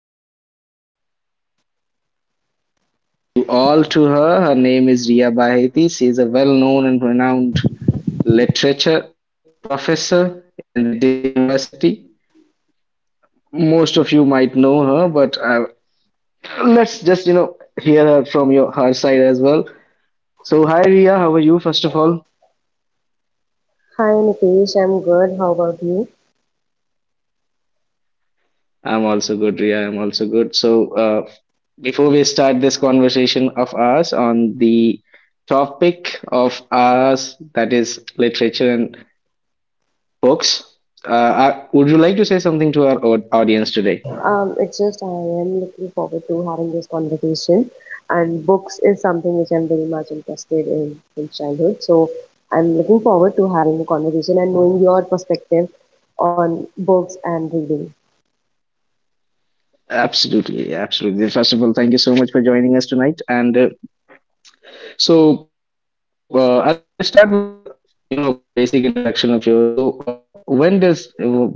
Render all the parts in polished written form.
However, I would still introduce you all to her. Her name is Ria Baheti. She is a well-known and renowned literature professor in the Delhi University. Most of you might know her, but let's just hear her from your her side as well. So, hi Ria, how are you, first of all? Hi Nitesh, I'm good. How about you? I'm also good, Ria. I'm also good. So, before we start this conversation of ours on the topic of ours, that is literature and books, would you like to say something to our audience today? It's just I am looking forward to having this conversation. And books is something which I'm very much interested in since childhood. So I'm looking forward to having a conversation and knowing your perspective on books and reading. Absolutely, absolutely. First of all, thank you so much for joining us tonight. And I'll start with the basic introduction of yours. So when does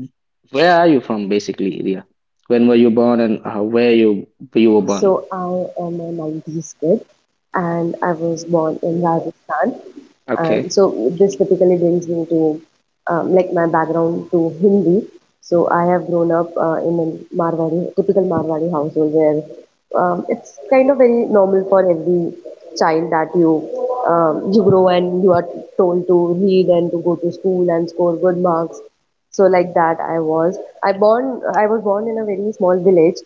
where are you from basically, Ria? When were you born and where you were born? So I am a 90s kid and I was born in Rajasthan. And Okay, so this typically brings me to like my background to Hindi. So I have grown up in a Marwari, typical Marwari household where it's kind of very normal for every child that you grow and you are told to read and to go to school and score good marks. So like that I was. I was born in a very small village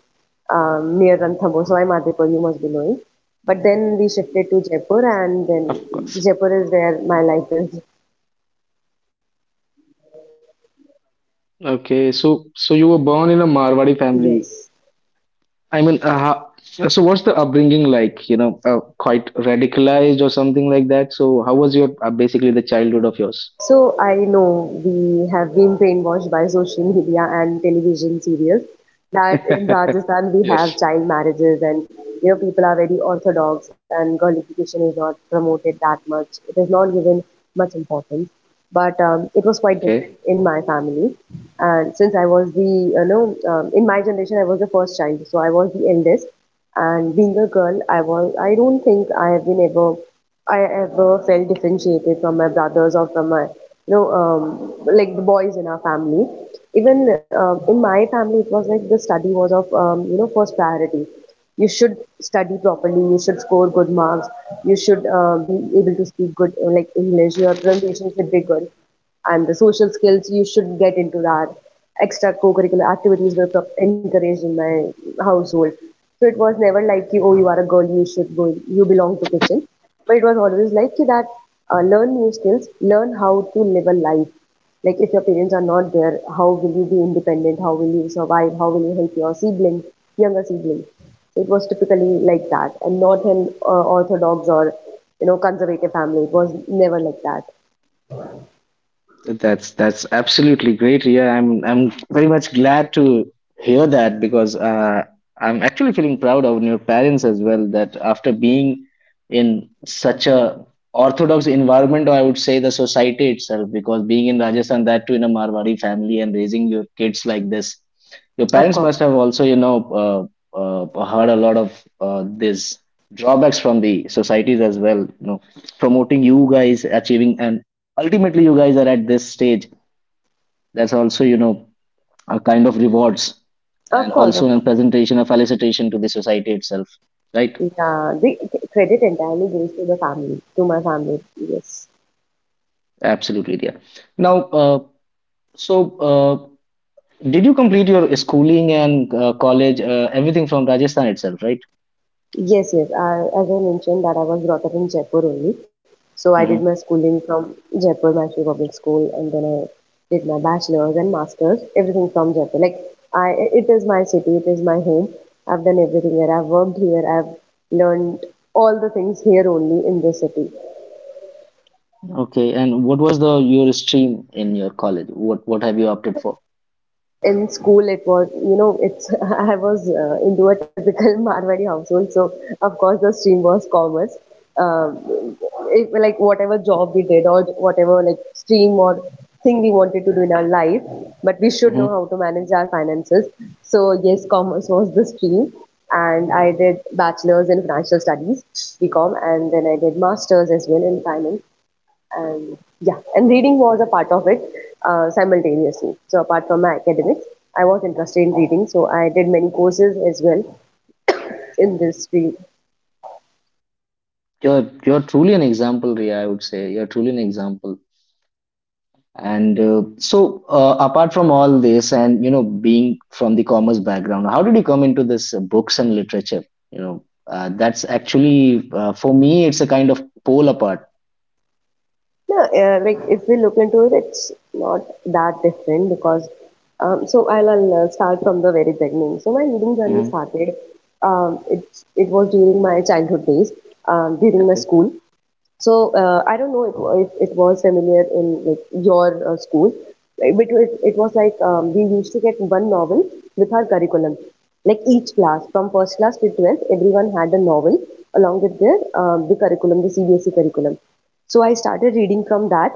near Ranthambore. So I'm Adipur, you must be knowing. But then we shifted to Jaipur, and then of course. Jaipur is where my life is. Okay, so you were born in a Marwari family. Yes. I mean, so what's the upbringing like? You know, quite radicalized or something like that. So how was your basically the childhood of yours? So I know we have been brainwashed by social media and television serials that in Rajasthan we have Yes. child marriages and you know people are very orthodox and girlification is not promoted that much. It is not given much importance. But it was quite different in Okay. my family. And since I was the in my generation I was the first child, so I was the eldest, and being a girl I don't think I have been ever I ever felt differentiated from my brothers or from my like the boys in our family. Even in my family it was like the study was of first priority. You should study properly, you should score good marks, you should be able to speak good like English, your pronunciation should be good, and the social skills, you should get into that. Extra co-curricular activities were encouraged in my household. So it was never like, you, oh, you are a girl, you should go, you belong to kitchen, but it was always like you that learn new skills, learn how to live a life, like if your parents are not there, how will you be independent, how will you survive, how will you help your sibling, younger sibling. So it was typically like that, and not an orthodox or you know conservative family. It was never like that. That's absolutely great, Ria. I'm very much glad to hear that because I'm actually feeling proud of your parents as well. That after being in such a orthodox environment, or I would say the society itself, because being in Rajasthan, that too in a Marwari family and raising your kids like this, your Of parents course. must have also heard a lot of these drawbacks from the societies as well. You know, promoting you guys achieving and ultimately you guys are at this stage, that's also a kind of rewards and also Of a course, of course. presentation, a felicitation to the society itself, right? Yeah, the credit entirely goes to the family, to my family. Yes, Absolutely dear. Now, uh, so uh, did you complete your schooling and college, everything from Rajasthan itself, right? yes, yes. I, as I mentioned, that I was brought up in Jaipur only, so I did my Hmm. schooling from Jaipur National Public School, and then I did my bachelor's and master's, everything from Jaipur. Like, I, it is my city, it is my home. I've done everything here. I've worked here. I've learned all the things here only in this city. Okay, and what was the your stream in your college? What have you opted for? In school it was, you know, it's I was into a typical Marwari household, so of course the stream was commerce. um, like whatever job we did or whatever like stream or thing we wanted to do in our life, but we should know Hmm. how to manage our finances. So yes, commerce was the stream, and I did bachelor's in financial studies, BCom, and then I did masters as well in finance. And yeah, and reading was a part of it, simultaneously. So apart from my academics I was interested in reading, so I did many courses as well in this field. You're truly an example, Ria, I would say you're truly an example. And apart from all this, and you know, being from the commerce background, how did you come into this books and literature? You know, that's actually for me, it's a kind of pole apart. No, like if we look into it it's not that different because so I'll start from the very beginning. So my reading journey Hmm. started. Um, it it was during my childhood days, during my Okay, school. So I don't know if it was familiar in like your school, right? But it was like we used to get one novel with our curriculum. Like each class, from first class to 12th, everyone had a novel along with their the curriculum, the CBSE curriculum. So I started reading from that,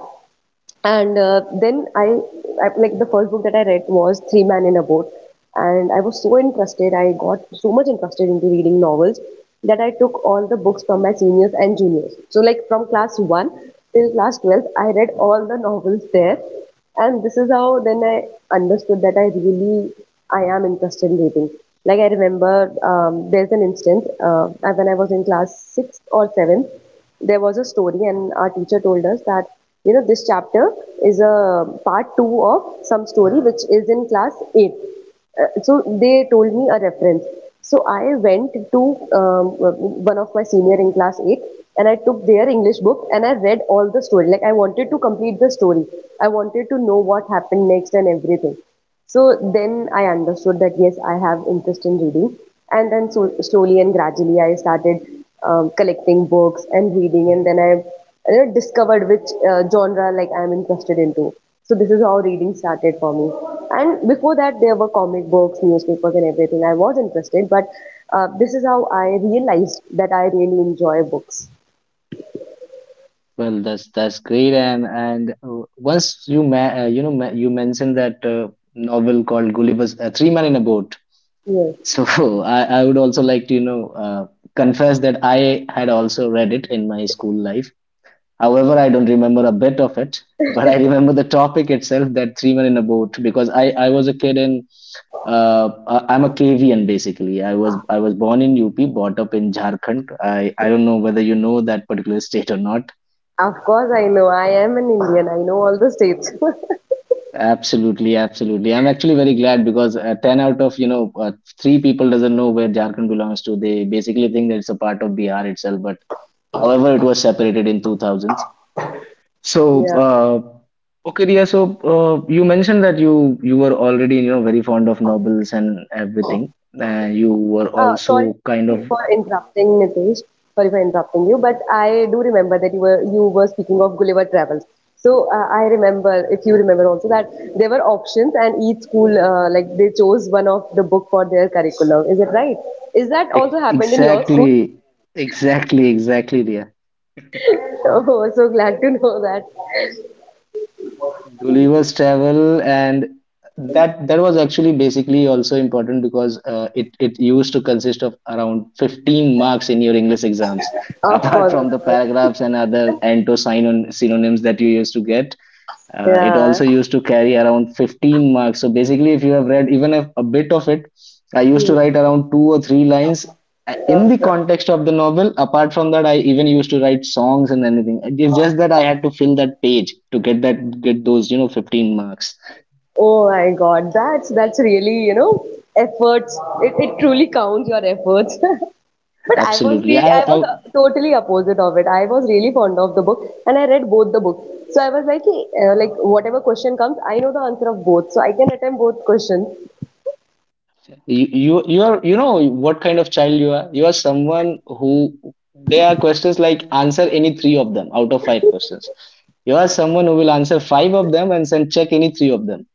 and I, like the first book that I read was Three Men in a Boat, and I was so interested. I got so much interested into reading novels that I took all the books from my seniors and juniors. So like from class one till class 12, I read all the novels there, and this is how then I understood that I am interested in reading. Like I remember, there's an instance when I was in class sixth or seventh, there was a story and our teacher told us that you know this chapter is a part two of some story which is in class eight. So they told me a reference. So I went to um, one of my senior in class eight, and I took their English book and I read all the story. Like I wanted to complete the story. I wanted to know what happened next and everything. So then I understood that yes, I have interest in reading, and then so slowly and gradually I started collecting books and reading, and then I you know discovered which genre like I'm interested into. So this is how reading started for me. And before that, there were comic books, newspapers, and everything. I was interested, but this is how I realized that I really enjoy books. well, that's great. And once you you mentioned that novel called Gulliver's Three Men in a Boat. Yes, So I would also like to confess that I had also read it in my school life. However, I don't remember a bit of it, but I remember the topic itself that three men in a boat, because I was a kid in I'm a KVN basically. I was born in UP, brought up in Jharkhand. I don't know whether you know that particular state or not. of course I know. I am an Indian. I know all the states. Absolutely, absolutely. I'm actually very glad because ten out of three people doesn't know where Jharkhand belongs to. They basically think that it's a part of Bihar itself. But however, it was separated in 2000s. So, Yeah. Okay, Riya, so you mentioned that you were already, you know, very fond of novels and everything, and you were also Sorry for kind of interrupting, Nitish. Sorry for interrupting you, but I do remember that you were speaking of Gulliver Travels. So I remember, if you remember also, that there were options, and each school like they chose one of the book for their curriculum. Is it right? Is that also e- happened in your school? exactly, exactly, Riya. Oh, so glad to know that. Gulliver's Travel, and that was actually basically also important because it used to consist of around 15 marks in your English exams, Of apart course, of from the course. paragraphs and other and to sign on synonyms that you used to get. It Yeah. also used to carry around 15 marks. So basically, if you have read even a bit of it, I used to write around two or three lines in the context of the novel. Apart from that, I even used to write songs and anything. It's just that I had to fill that page to get those, you know, 15 marks. Oh my God, that's really you know efforts. It truly counts your efforts. But I was Absolutely, really, I was I totally opposite of it. I was really fond of the book, and I read both the books. So I was like, "Hey, like whatever question comes, I know the answer of both, so I can attempt both questions. you are, you know, what kind of child you are. You are someone who there are questions like, answer any three of them out of five questions. You are someone who will answer five of them and then check any three of them.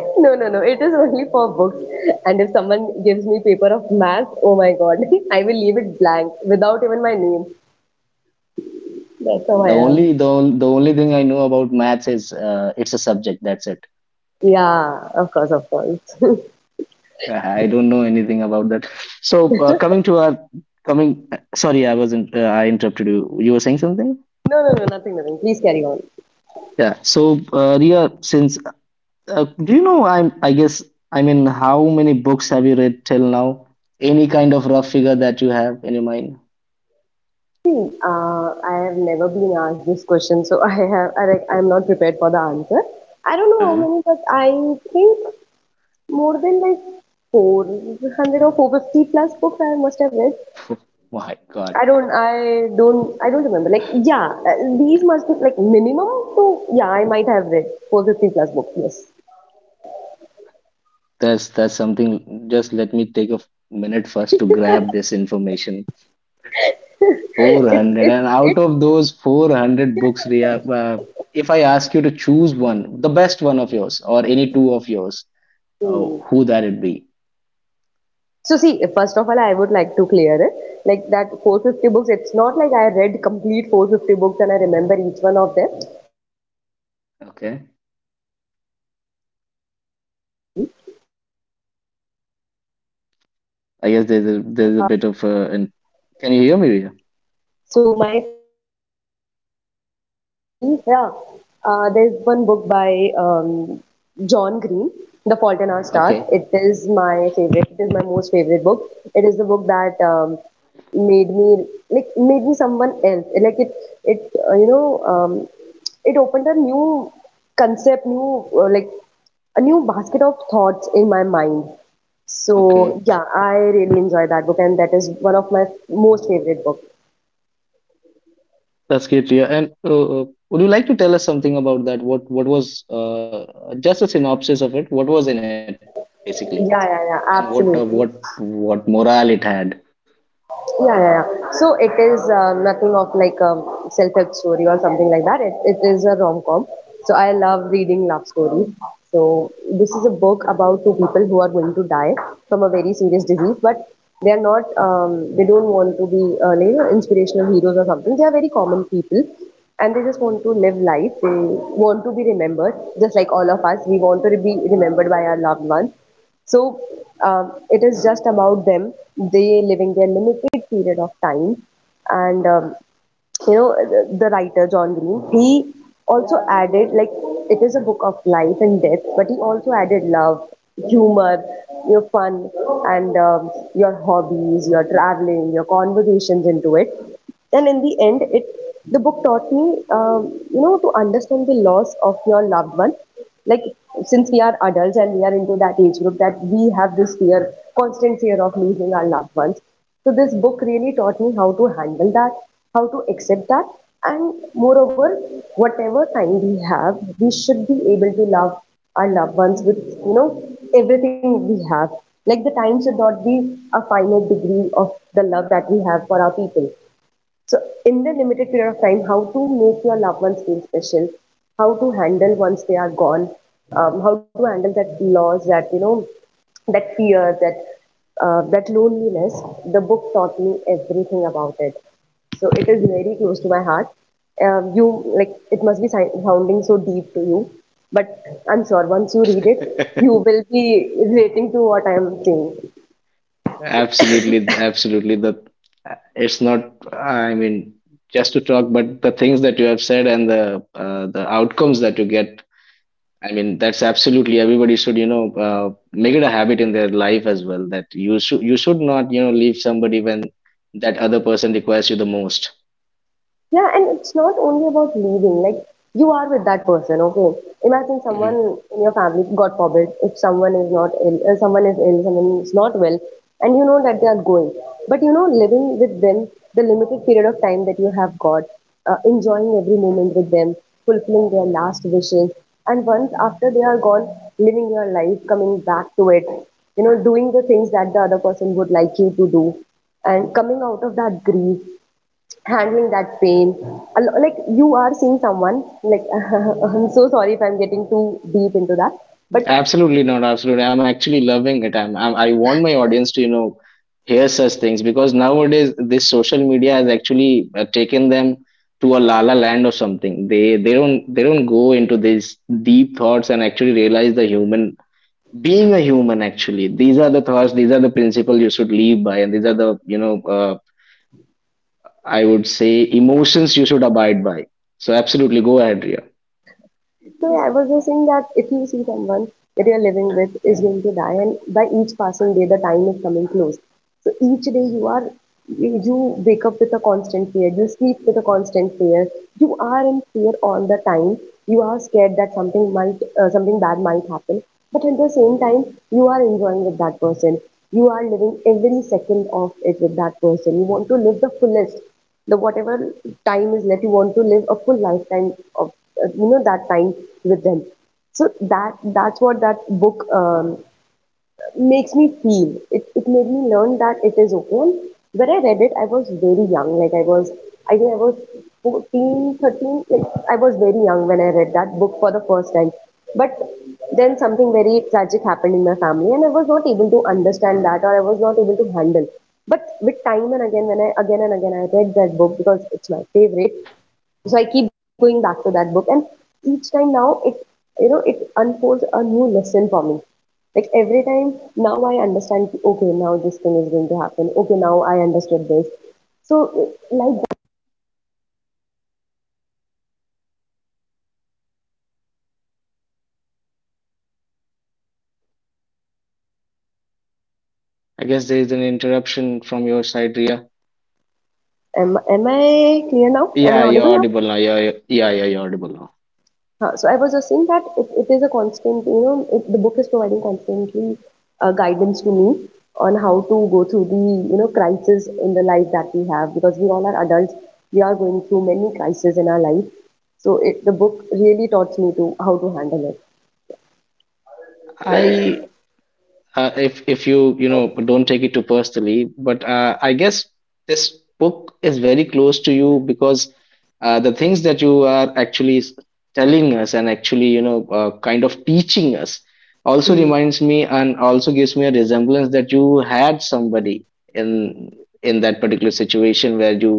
No, no, no. It is only for books. And if someone gives me paper of math, oh my god, I will leave it blank without even my name. That's how I The am. The only thing I know about maths is it's a subject. That's it. Yeah, of course, of course. No, I don't know anything about that. So coming to our coming. Sorry, I wasn't. I interrupted you. You were saying something. no, no, nothing, nothing. Please carry on. Yeah. So Ria, since do you know? I guess. I mean, how many books have you read till now? Any kind of rough figure that you have in your mind? See, I have never been asked this question, so I like I'm not prepared for the answer. I don't know Uh how many, but I think more than like 400 or 450 plus books I must have read. huh. My God, I don't remember. Like, yeah, these must be like minimum. So yeah, I might have read 450 plus books. Yes, that's something. Just let me take a minute first to grab this information. 400. And out it's of those 400 books, Ria, if I ask you to choose one, the best one of yours or any two of yours, it's. who that it be? So see, first of all, I would like to clear it. Like that 450 books, it's not like I read complete 450 books and I remember each one of them. It also includes some of the Okay. books that I was not interested into and then I left in between. So it also includes that. And I guess there's uh, there's a bit of an can you hear me, Ria? so my favorite book, it has to be yeah. There's one book by John Green, The Fault in Our Stars. Okay. It is my favorite. It is my most favorite book. It is the book that made me like made me someone else. Like it you know it opened a new concept, new like a new basket of thoughts in my mind. Okay. So yeah, I really enjoy that book, and that is one of my most favorite books. That's great, Ria. And would you like to tell us something about that? What was just a synopsis of it? What was in it basically, Yeah, yeah, and yeah, absolutely. what morale it had? Yeah, yeah, yeah. So it is nothing of like a self-help story or something like that. It is a rom-com. So I love reading love stories. So this is a book about two people who are going to die from a very serious disease, but they are not. They don't want to be like, you know, inspirational heroes or something. They are very common people, and they just want to live life. They want to be remembered, just like all of us. We want to be remembered by our loved ones. So it is just about them. They living their limited period of time, and you know, the writer John Green, he also added, like, it is a book of life and death, but he also added love, humor, your fun, and your hobbies, your traveling, your conversations into it. And in the end, it the book taught me, you know, to understand the loss of your loved one. Like, since we are adults and we are into that age group that we have this fear, constant fear of losing our loved ones, so this book really taught me how to handle that, how to accept that, and moreover, whatever time we have, we should be able to love our loved ones with, you know, everything we have. Like, the time should not be a finite degree of the love that we have for our people. So, in the limited period of time, how to make your loved ones feel special, how to handle once they are gone, how to handle that loss, that, you know, that fear, that that loneliness. The book taught me everything about it. So it is very close to my heart. You Like, it must be sounding so deep to you, but I'm sure once you read it, you will be relating to what I am saying. Absolutely, absolutely. The it's not. I mean, just to talk, but the things that you have said and the outcomes that you get. I mean, that's absolutely everybody should, you know, make it a habit in their life as well. That you should not, you know, leave somebody when that other person requires you the most. Yeah, and it's not only about leaving. Like, you are with that person, okay? Imagine someone in your family, God forbid, if someone is not ill, someone is ill, someone is not well, and you know that they are going. But, you know, living with them, the limited period of time that you have got, enjoying every moment with them, fulfilling their last wishes, and once after they are gone, living your life, coming back to it, you know, doing the things that the other person would like you to do, and coming out of that grief, handling that pain, like you are seeing someone, like I'm so sorry if I'm getting too deep into that, but Absolutely not. Absolutely. I'm actually loving it. I want my audience to, you know, hear such things, because nowadays this social media has actually taken them to a la la land or something. They don't go into these deep thoughts and actually realize the human, being a human, actually these are the thoughts, these are the principles you should live by, and these are the, you know, I would say emotions you should abide by. So absolutely, go ahead, Ria. So, yeah, I was just saying that if you see someone that you're living with is going to die, and by each passing day, the time is coming close. So each day you are, you wake up with a constant fear. You sleep with a constant fear. You are in fear all the time. You are scared that something might, something bad might happen. But at the same time, you are enjoying with that person. You are living every second of it with that person. You want to live the fullest, the whatever time is left. You want to live a full lifetime of, you know, that time with them. So that's what that book, makes me feel. It made me learn that it is okay. And when I read it, I was very young. Like I was, I think I was 14, 13. Like I was very young when I read that book for the first time. But then something very tragic happened in my family and I was not able to understand that, or I was not able to handle. But with time and again, when I again and again, I read that book because it's my favorite, so I keep going back to that book. And each time now, it, you know, it unfolds a new lesson for me. Like, every time now I understand, okay, now this thing is going to happen, okay, now I understood this. So, like I guess there is an interruption from your side, Ria. Am I clear now? Am Yeah, I you're audible now? audible now. Yeah, yeah, you're audible now. Huh. So I was just saying that it is a constant, you know, it, the book is providing constantly guidance to me on how to go through the, you know, crisis in the life that we have, because we all are adults. We are going through many crises in our life. So it, the book really taught me to how to handle it. I if you, you know, don't take it too personally, but I guess this book is very close to you because the things that you are actually telling us and actually, you know, kind of teaching us also Mm. reminds me and also gives me a resemblance that you had somebody in in that particular situation where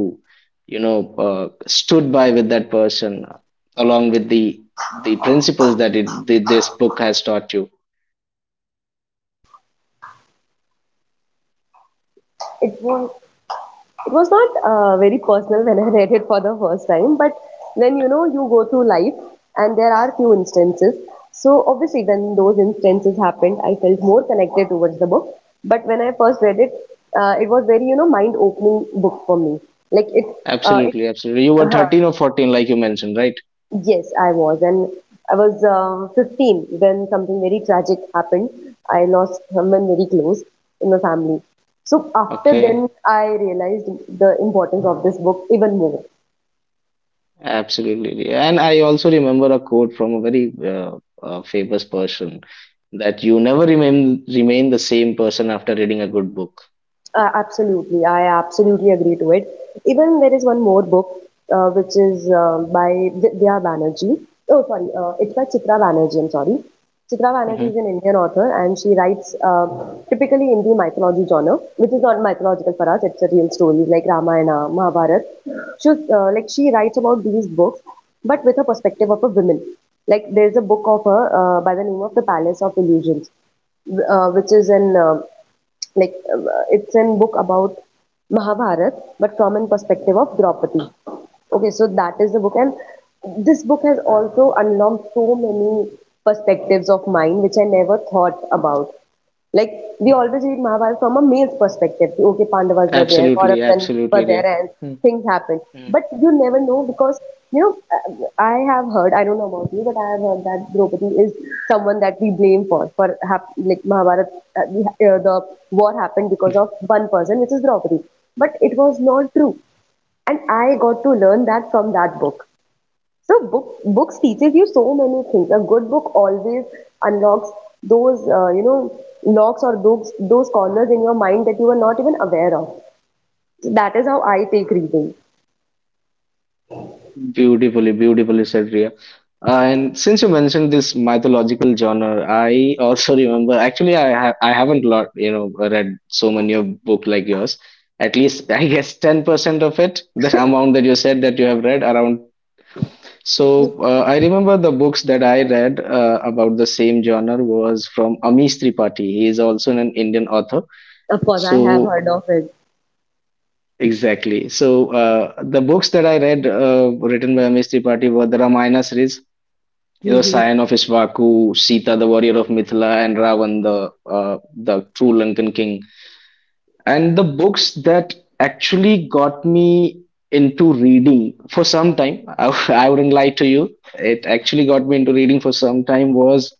you know, stood by with that person along with the principles that this book has taught you. It was, it was not very personal when I read it for the first time, but when, you know, you go through life and there are few instances. So obviously, when those instances happened, I felt more connected towards the book. But when I first read it, it was very, you know, mind opening book for me. Like it, uh, it. Absolutely, absolutely. You were 13 or 14, like you mentioned, right? Yes, I was, and I was 15 when something very tragic happened. I lost someone very close in my family. So after then, Okay, I realized the importance of this book even more. absolutely. And I also remember a quote from a very famous person that you never remain the same person after reading a good book. Absolutely, I absolutely agree to it. Even there is one more book which is by Vidya Banerjee. Oh, sorry, it's by Chitra Banerjee. I'm sorry. Chitra Banerjee Hmm. is an Indian author, and she writes typically in the mythology genre, which is not mythological for us. It's a real stories like Ramayana, Mahabharata. She was, like, she writes about these books, but with a perspective of a woman. Like there's a book of her by the name of The Palace of Illusions, which is an like it's a book about Mahabharat, but from a perspective of Draupadi. Okay, so that is the book, and this book has also unlocked so many perspectives of mine which I never thought about. Like, we always read Mahabharata from a male's perspective. Okay, Pandavas were there, Absolutely, Kauravas were absolutely, dear. there, and things happened. But you never know, because, you know, I have heard. I don't know about you, but I have heard that Draupadi is someone that we blame for like Mahabharata. Uh, the, the war happened because of one person, which is Draupadi. But it was not true, and I got to learn that from that book. So books teaches you so many things. A good book always unlocks those, you know, locks or those corners in your mind that you were not even aware of. So that is how I take reading. Beautifully, beautifully said, Ria. And since you mentioned this mythological genre, I also remember. Actually, I haven't lot, you know, read so many of book like yours. At least I guess 10% of it, the amount that you said that you have read around. So I remember the books that I read about the same genre was from Amish Tripathi. He is also an Indian author. Of course, I have So heard of it. exactly. So the books that I read written by Amish Tripathi were the Ramayana series. You know, Scion Hmm. of Ishvaku, Sita, the Warrior of Mithila, and Ravan, the true Lankan King. And the books that actually got me into reading for some time, I wouldn't lie to you, it actually got me into reading for some time was,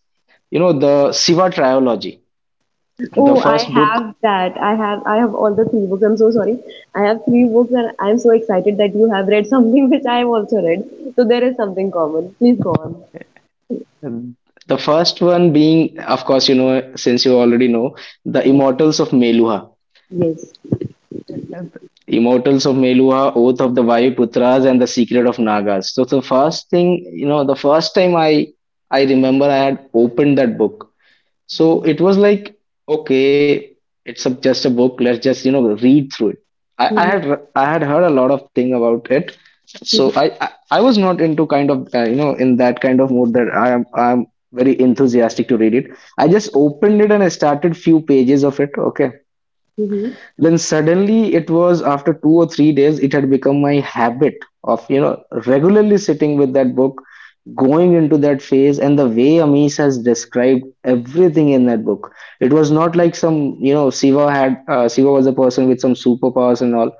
you know, the Siva Trilogy, the Oh, I first book, have that. I have all the three books. I'm so sorry. I have three books, and I'm so excited that you have read something which I've also read. So there is something common. Please go on. the first one being, of course, you know, since you already know, the Yeah. Immortals of Meluha. Yes. Immortals of Meluha, Oath of the Vayuputras, and The Secret of Nagas. So the first thing, you know, the first time I remember I had opened that book. So it was like, okay, just a book. Let's just, you know, read through it. Hmm. I had heard a lot of thing about it. So I was not into kind of you know, in that kind of mood that I'm very enthusiastic to read it. I just opened it and I started few pages of it. Okay, Hmm. then suddenly it was after 2 or 3 days, it had become my habit of, you know, regularly sitting with that book, going into that phase. And the way Amish has described everything in that book, it was not like some, you know, Siva had, Siva was a person with some superpowers and all.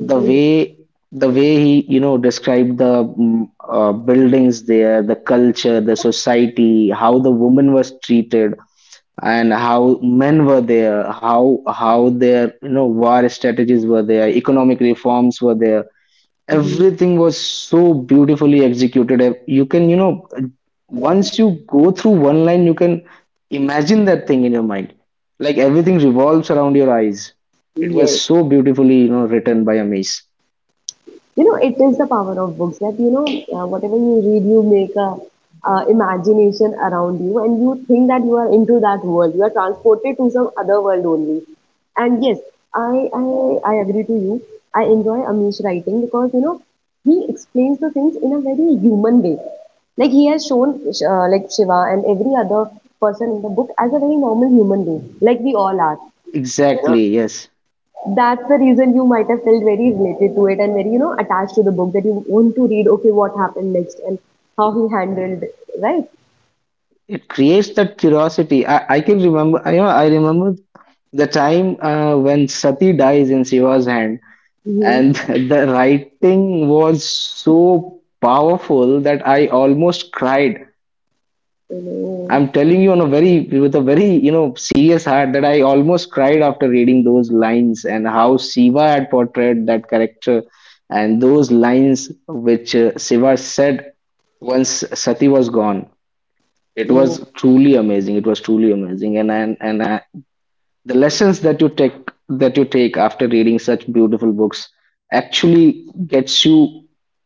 The way, the way he described the buildings there, the culture, the society, how the woman was treated, and how men were there, how their you know war strategies were there, economic reforms were there. Everything was so beautifully executed. And you can you know once you go through one line, you can imagine that thing in your mind. Like everything revolves around your eyes. It was Yes. so beautifully you know written by Amish. You know, it is the power of books that, you know, whatever you read, you make a imagination around you and you think that you are into that world. You are transported to some other world only. And yes, I, I, I agree to you. I enjoy Amish writing because, you know, he explains the things in a very human way. Like, he has shown, like, Shiva and every other person in the book as a very normal human being, like we all are. Exactly, yes. That's the reason you might have felt very related to it and very, you know, attached to the book, that you want to read, okay, what happened next, and how he handled it, right? It creates that curiosity. I can remember, you know, I remember the time when Sati dies in Shiva's hand. And Mm-hmm. the writing was so powerful that I almost cried. Mm, I'm telling you on a very with a very you know serious heart that I almost cried after reading those lines, and how Shiva had portrayed that character and those lines which Shiva said once Sati was gone. It mm. was truly amazing. It was truly amazing, and I, the lessons that you take, that you take after reading such beautiful books, actually gets you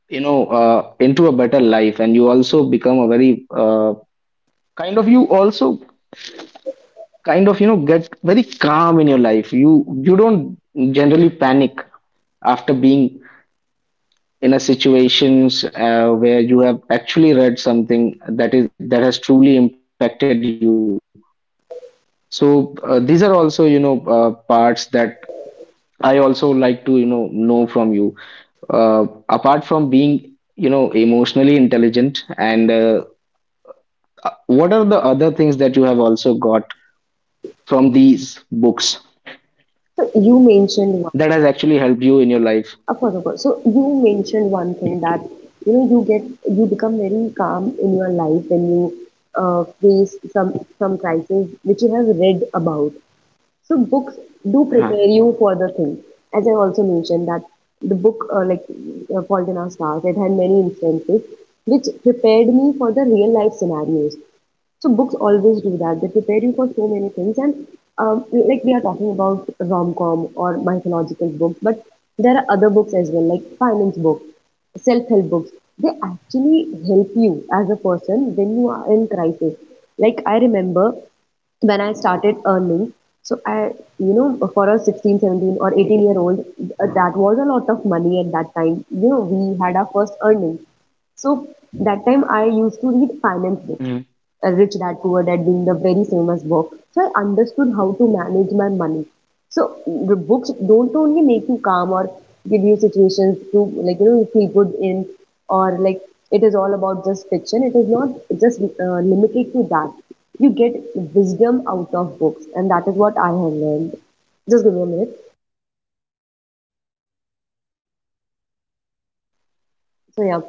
you know into a better life. And you also become a very kind of, you also kind of you know get very calm in your life. You don't generally panic after being in a situations where you have actually read something that has truly impacted you. So these are also you know parts that I also like to you know from you, apart from being you know emotionally intelligent, and what are the other things that you have also got from these books So you mentioned one, that has actually helped you in your of life. course, of course. So you mentioned one thing, that, you know, you get, you become very calm in your life when you face some crisis which you have read about. So books do prepare you for Uh-huh. the thing. As I also mentioned, that the book, Fault in Our Stars, it had many instances which prepared me for the real life scenarios. So books always do that. They prepare you for so many things. And like, we are talking about rom-com or mythological books, but there are other books as well, like finance books, self-help books. They actually help you as a person when you are in crisis. Like, I remember when I started earning, so I, you know, for a 16 17 or 18-year-old, that was a lot of money at that time. You know, we had our first earning. So that time I used to read finance Mhm. books, Rich Dad Poor Dad being the very famous book. So I understood how to manage my money. So the books don't only make you calm or give you situations to, like, you know, you feel good in, or like, it is all about just fiction. It is not just limited to that. You get wisdom out of books, and that is what I have learned. Just give me a minute. So, yeah,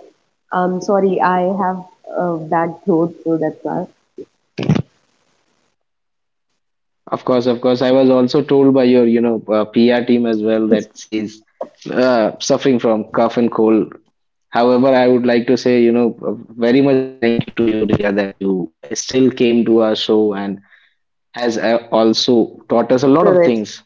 sorry, I have a bad throat, so that's why. Of course, of course, I was also told by your you know pr team as well It's that says suffering from cough and cold. However, I would like to say you know very much thank you to you, Ria, that you still came to our show and has also taught us a lot of the things,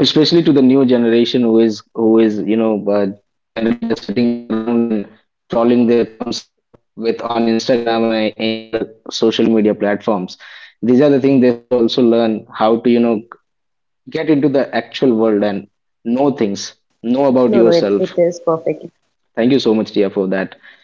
especially to the new generation, who is you know generally just sitting around and scrolling their thumbs up with on Instagram and any other social media platforms. These are the things they should also learn how to you know get into the actual world and know things, know about No, no, yourself. it is perfectly, Thank you so much, Tia, for that.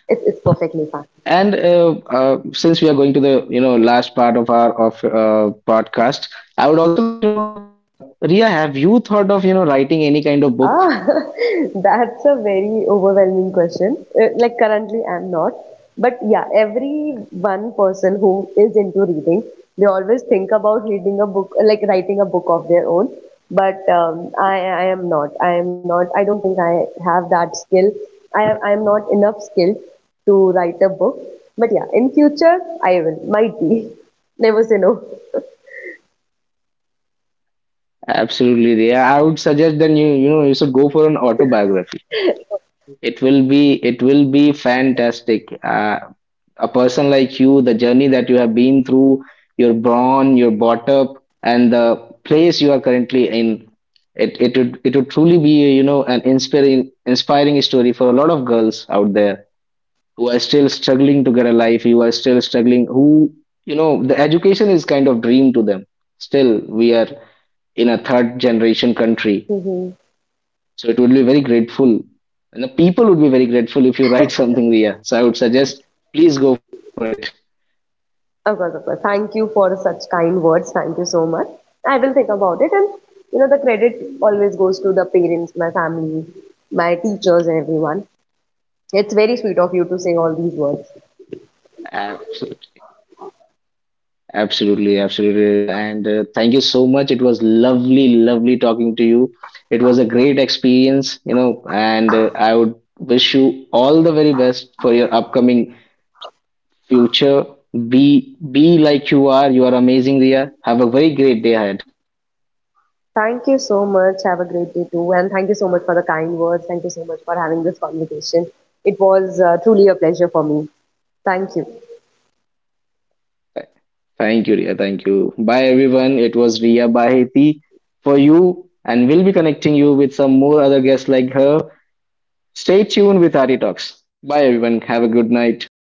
it's perfectly fine. And since we are going to the you know last part of our of podcast, I would also like to know that Ria, have you thought of you know writing any kind of book? Ah, that's a very overwhelming question. Like, currently, I'm not. But yeah, every one person who is into reading, they always think about reading a book, like writing a book of their own. But I am not. I am not. I don't think I have that skill. I am not enough skilled to write a book. But yeah, in future, I will. Might be. Never say no. Absolutely, Riya. I would suggest then you know you should go for an autobiography. It will be fantastic. A person like you, the journey that you have been through, you're born, you're brought up, and the place you are currently in, it would truly be you know an inspiring story for a lot of girls out there who are still struggling to get a life, who are still struggling, who you know the education is kind of dream to them. Still, we are in a third generation country. So it would be very grateful. And the people would be very grateful if you write something, Ria. So I would suggest, please go for it. Of course, of course. Thank you for such kind words. Thank you so much. I will think about it. And, you know, the credit always goes to the parents, my family, my teachers, and everyone. It's very sweet of you to say all these words. Absolutely, absolutely, Ria. And thank you so much. It was lovely talking to you. It was a great experience, you know, and I would wish you all the very best for your upcoming future. Be like you are. You are amazing, Ria. Have a very great day ahead. Thank you so much. Have a great day too. And thank you so much for the kind words. Thank you so much for having this conversation. It was truly a pleasure for me. Thank you. Thank you, Ria. Thank you. Bye, everyone. It was Ria Baheti for you, and we'll be connecting you with some more other guests like her. Stay tuned with Arti Talks. Bye, everyone. Have a good night.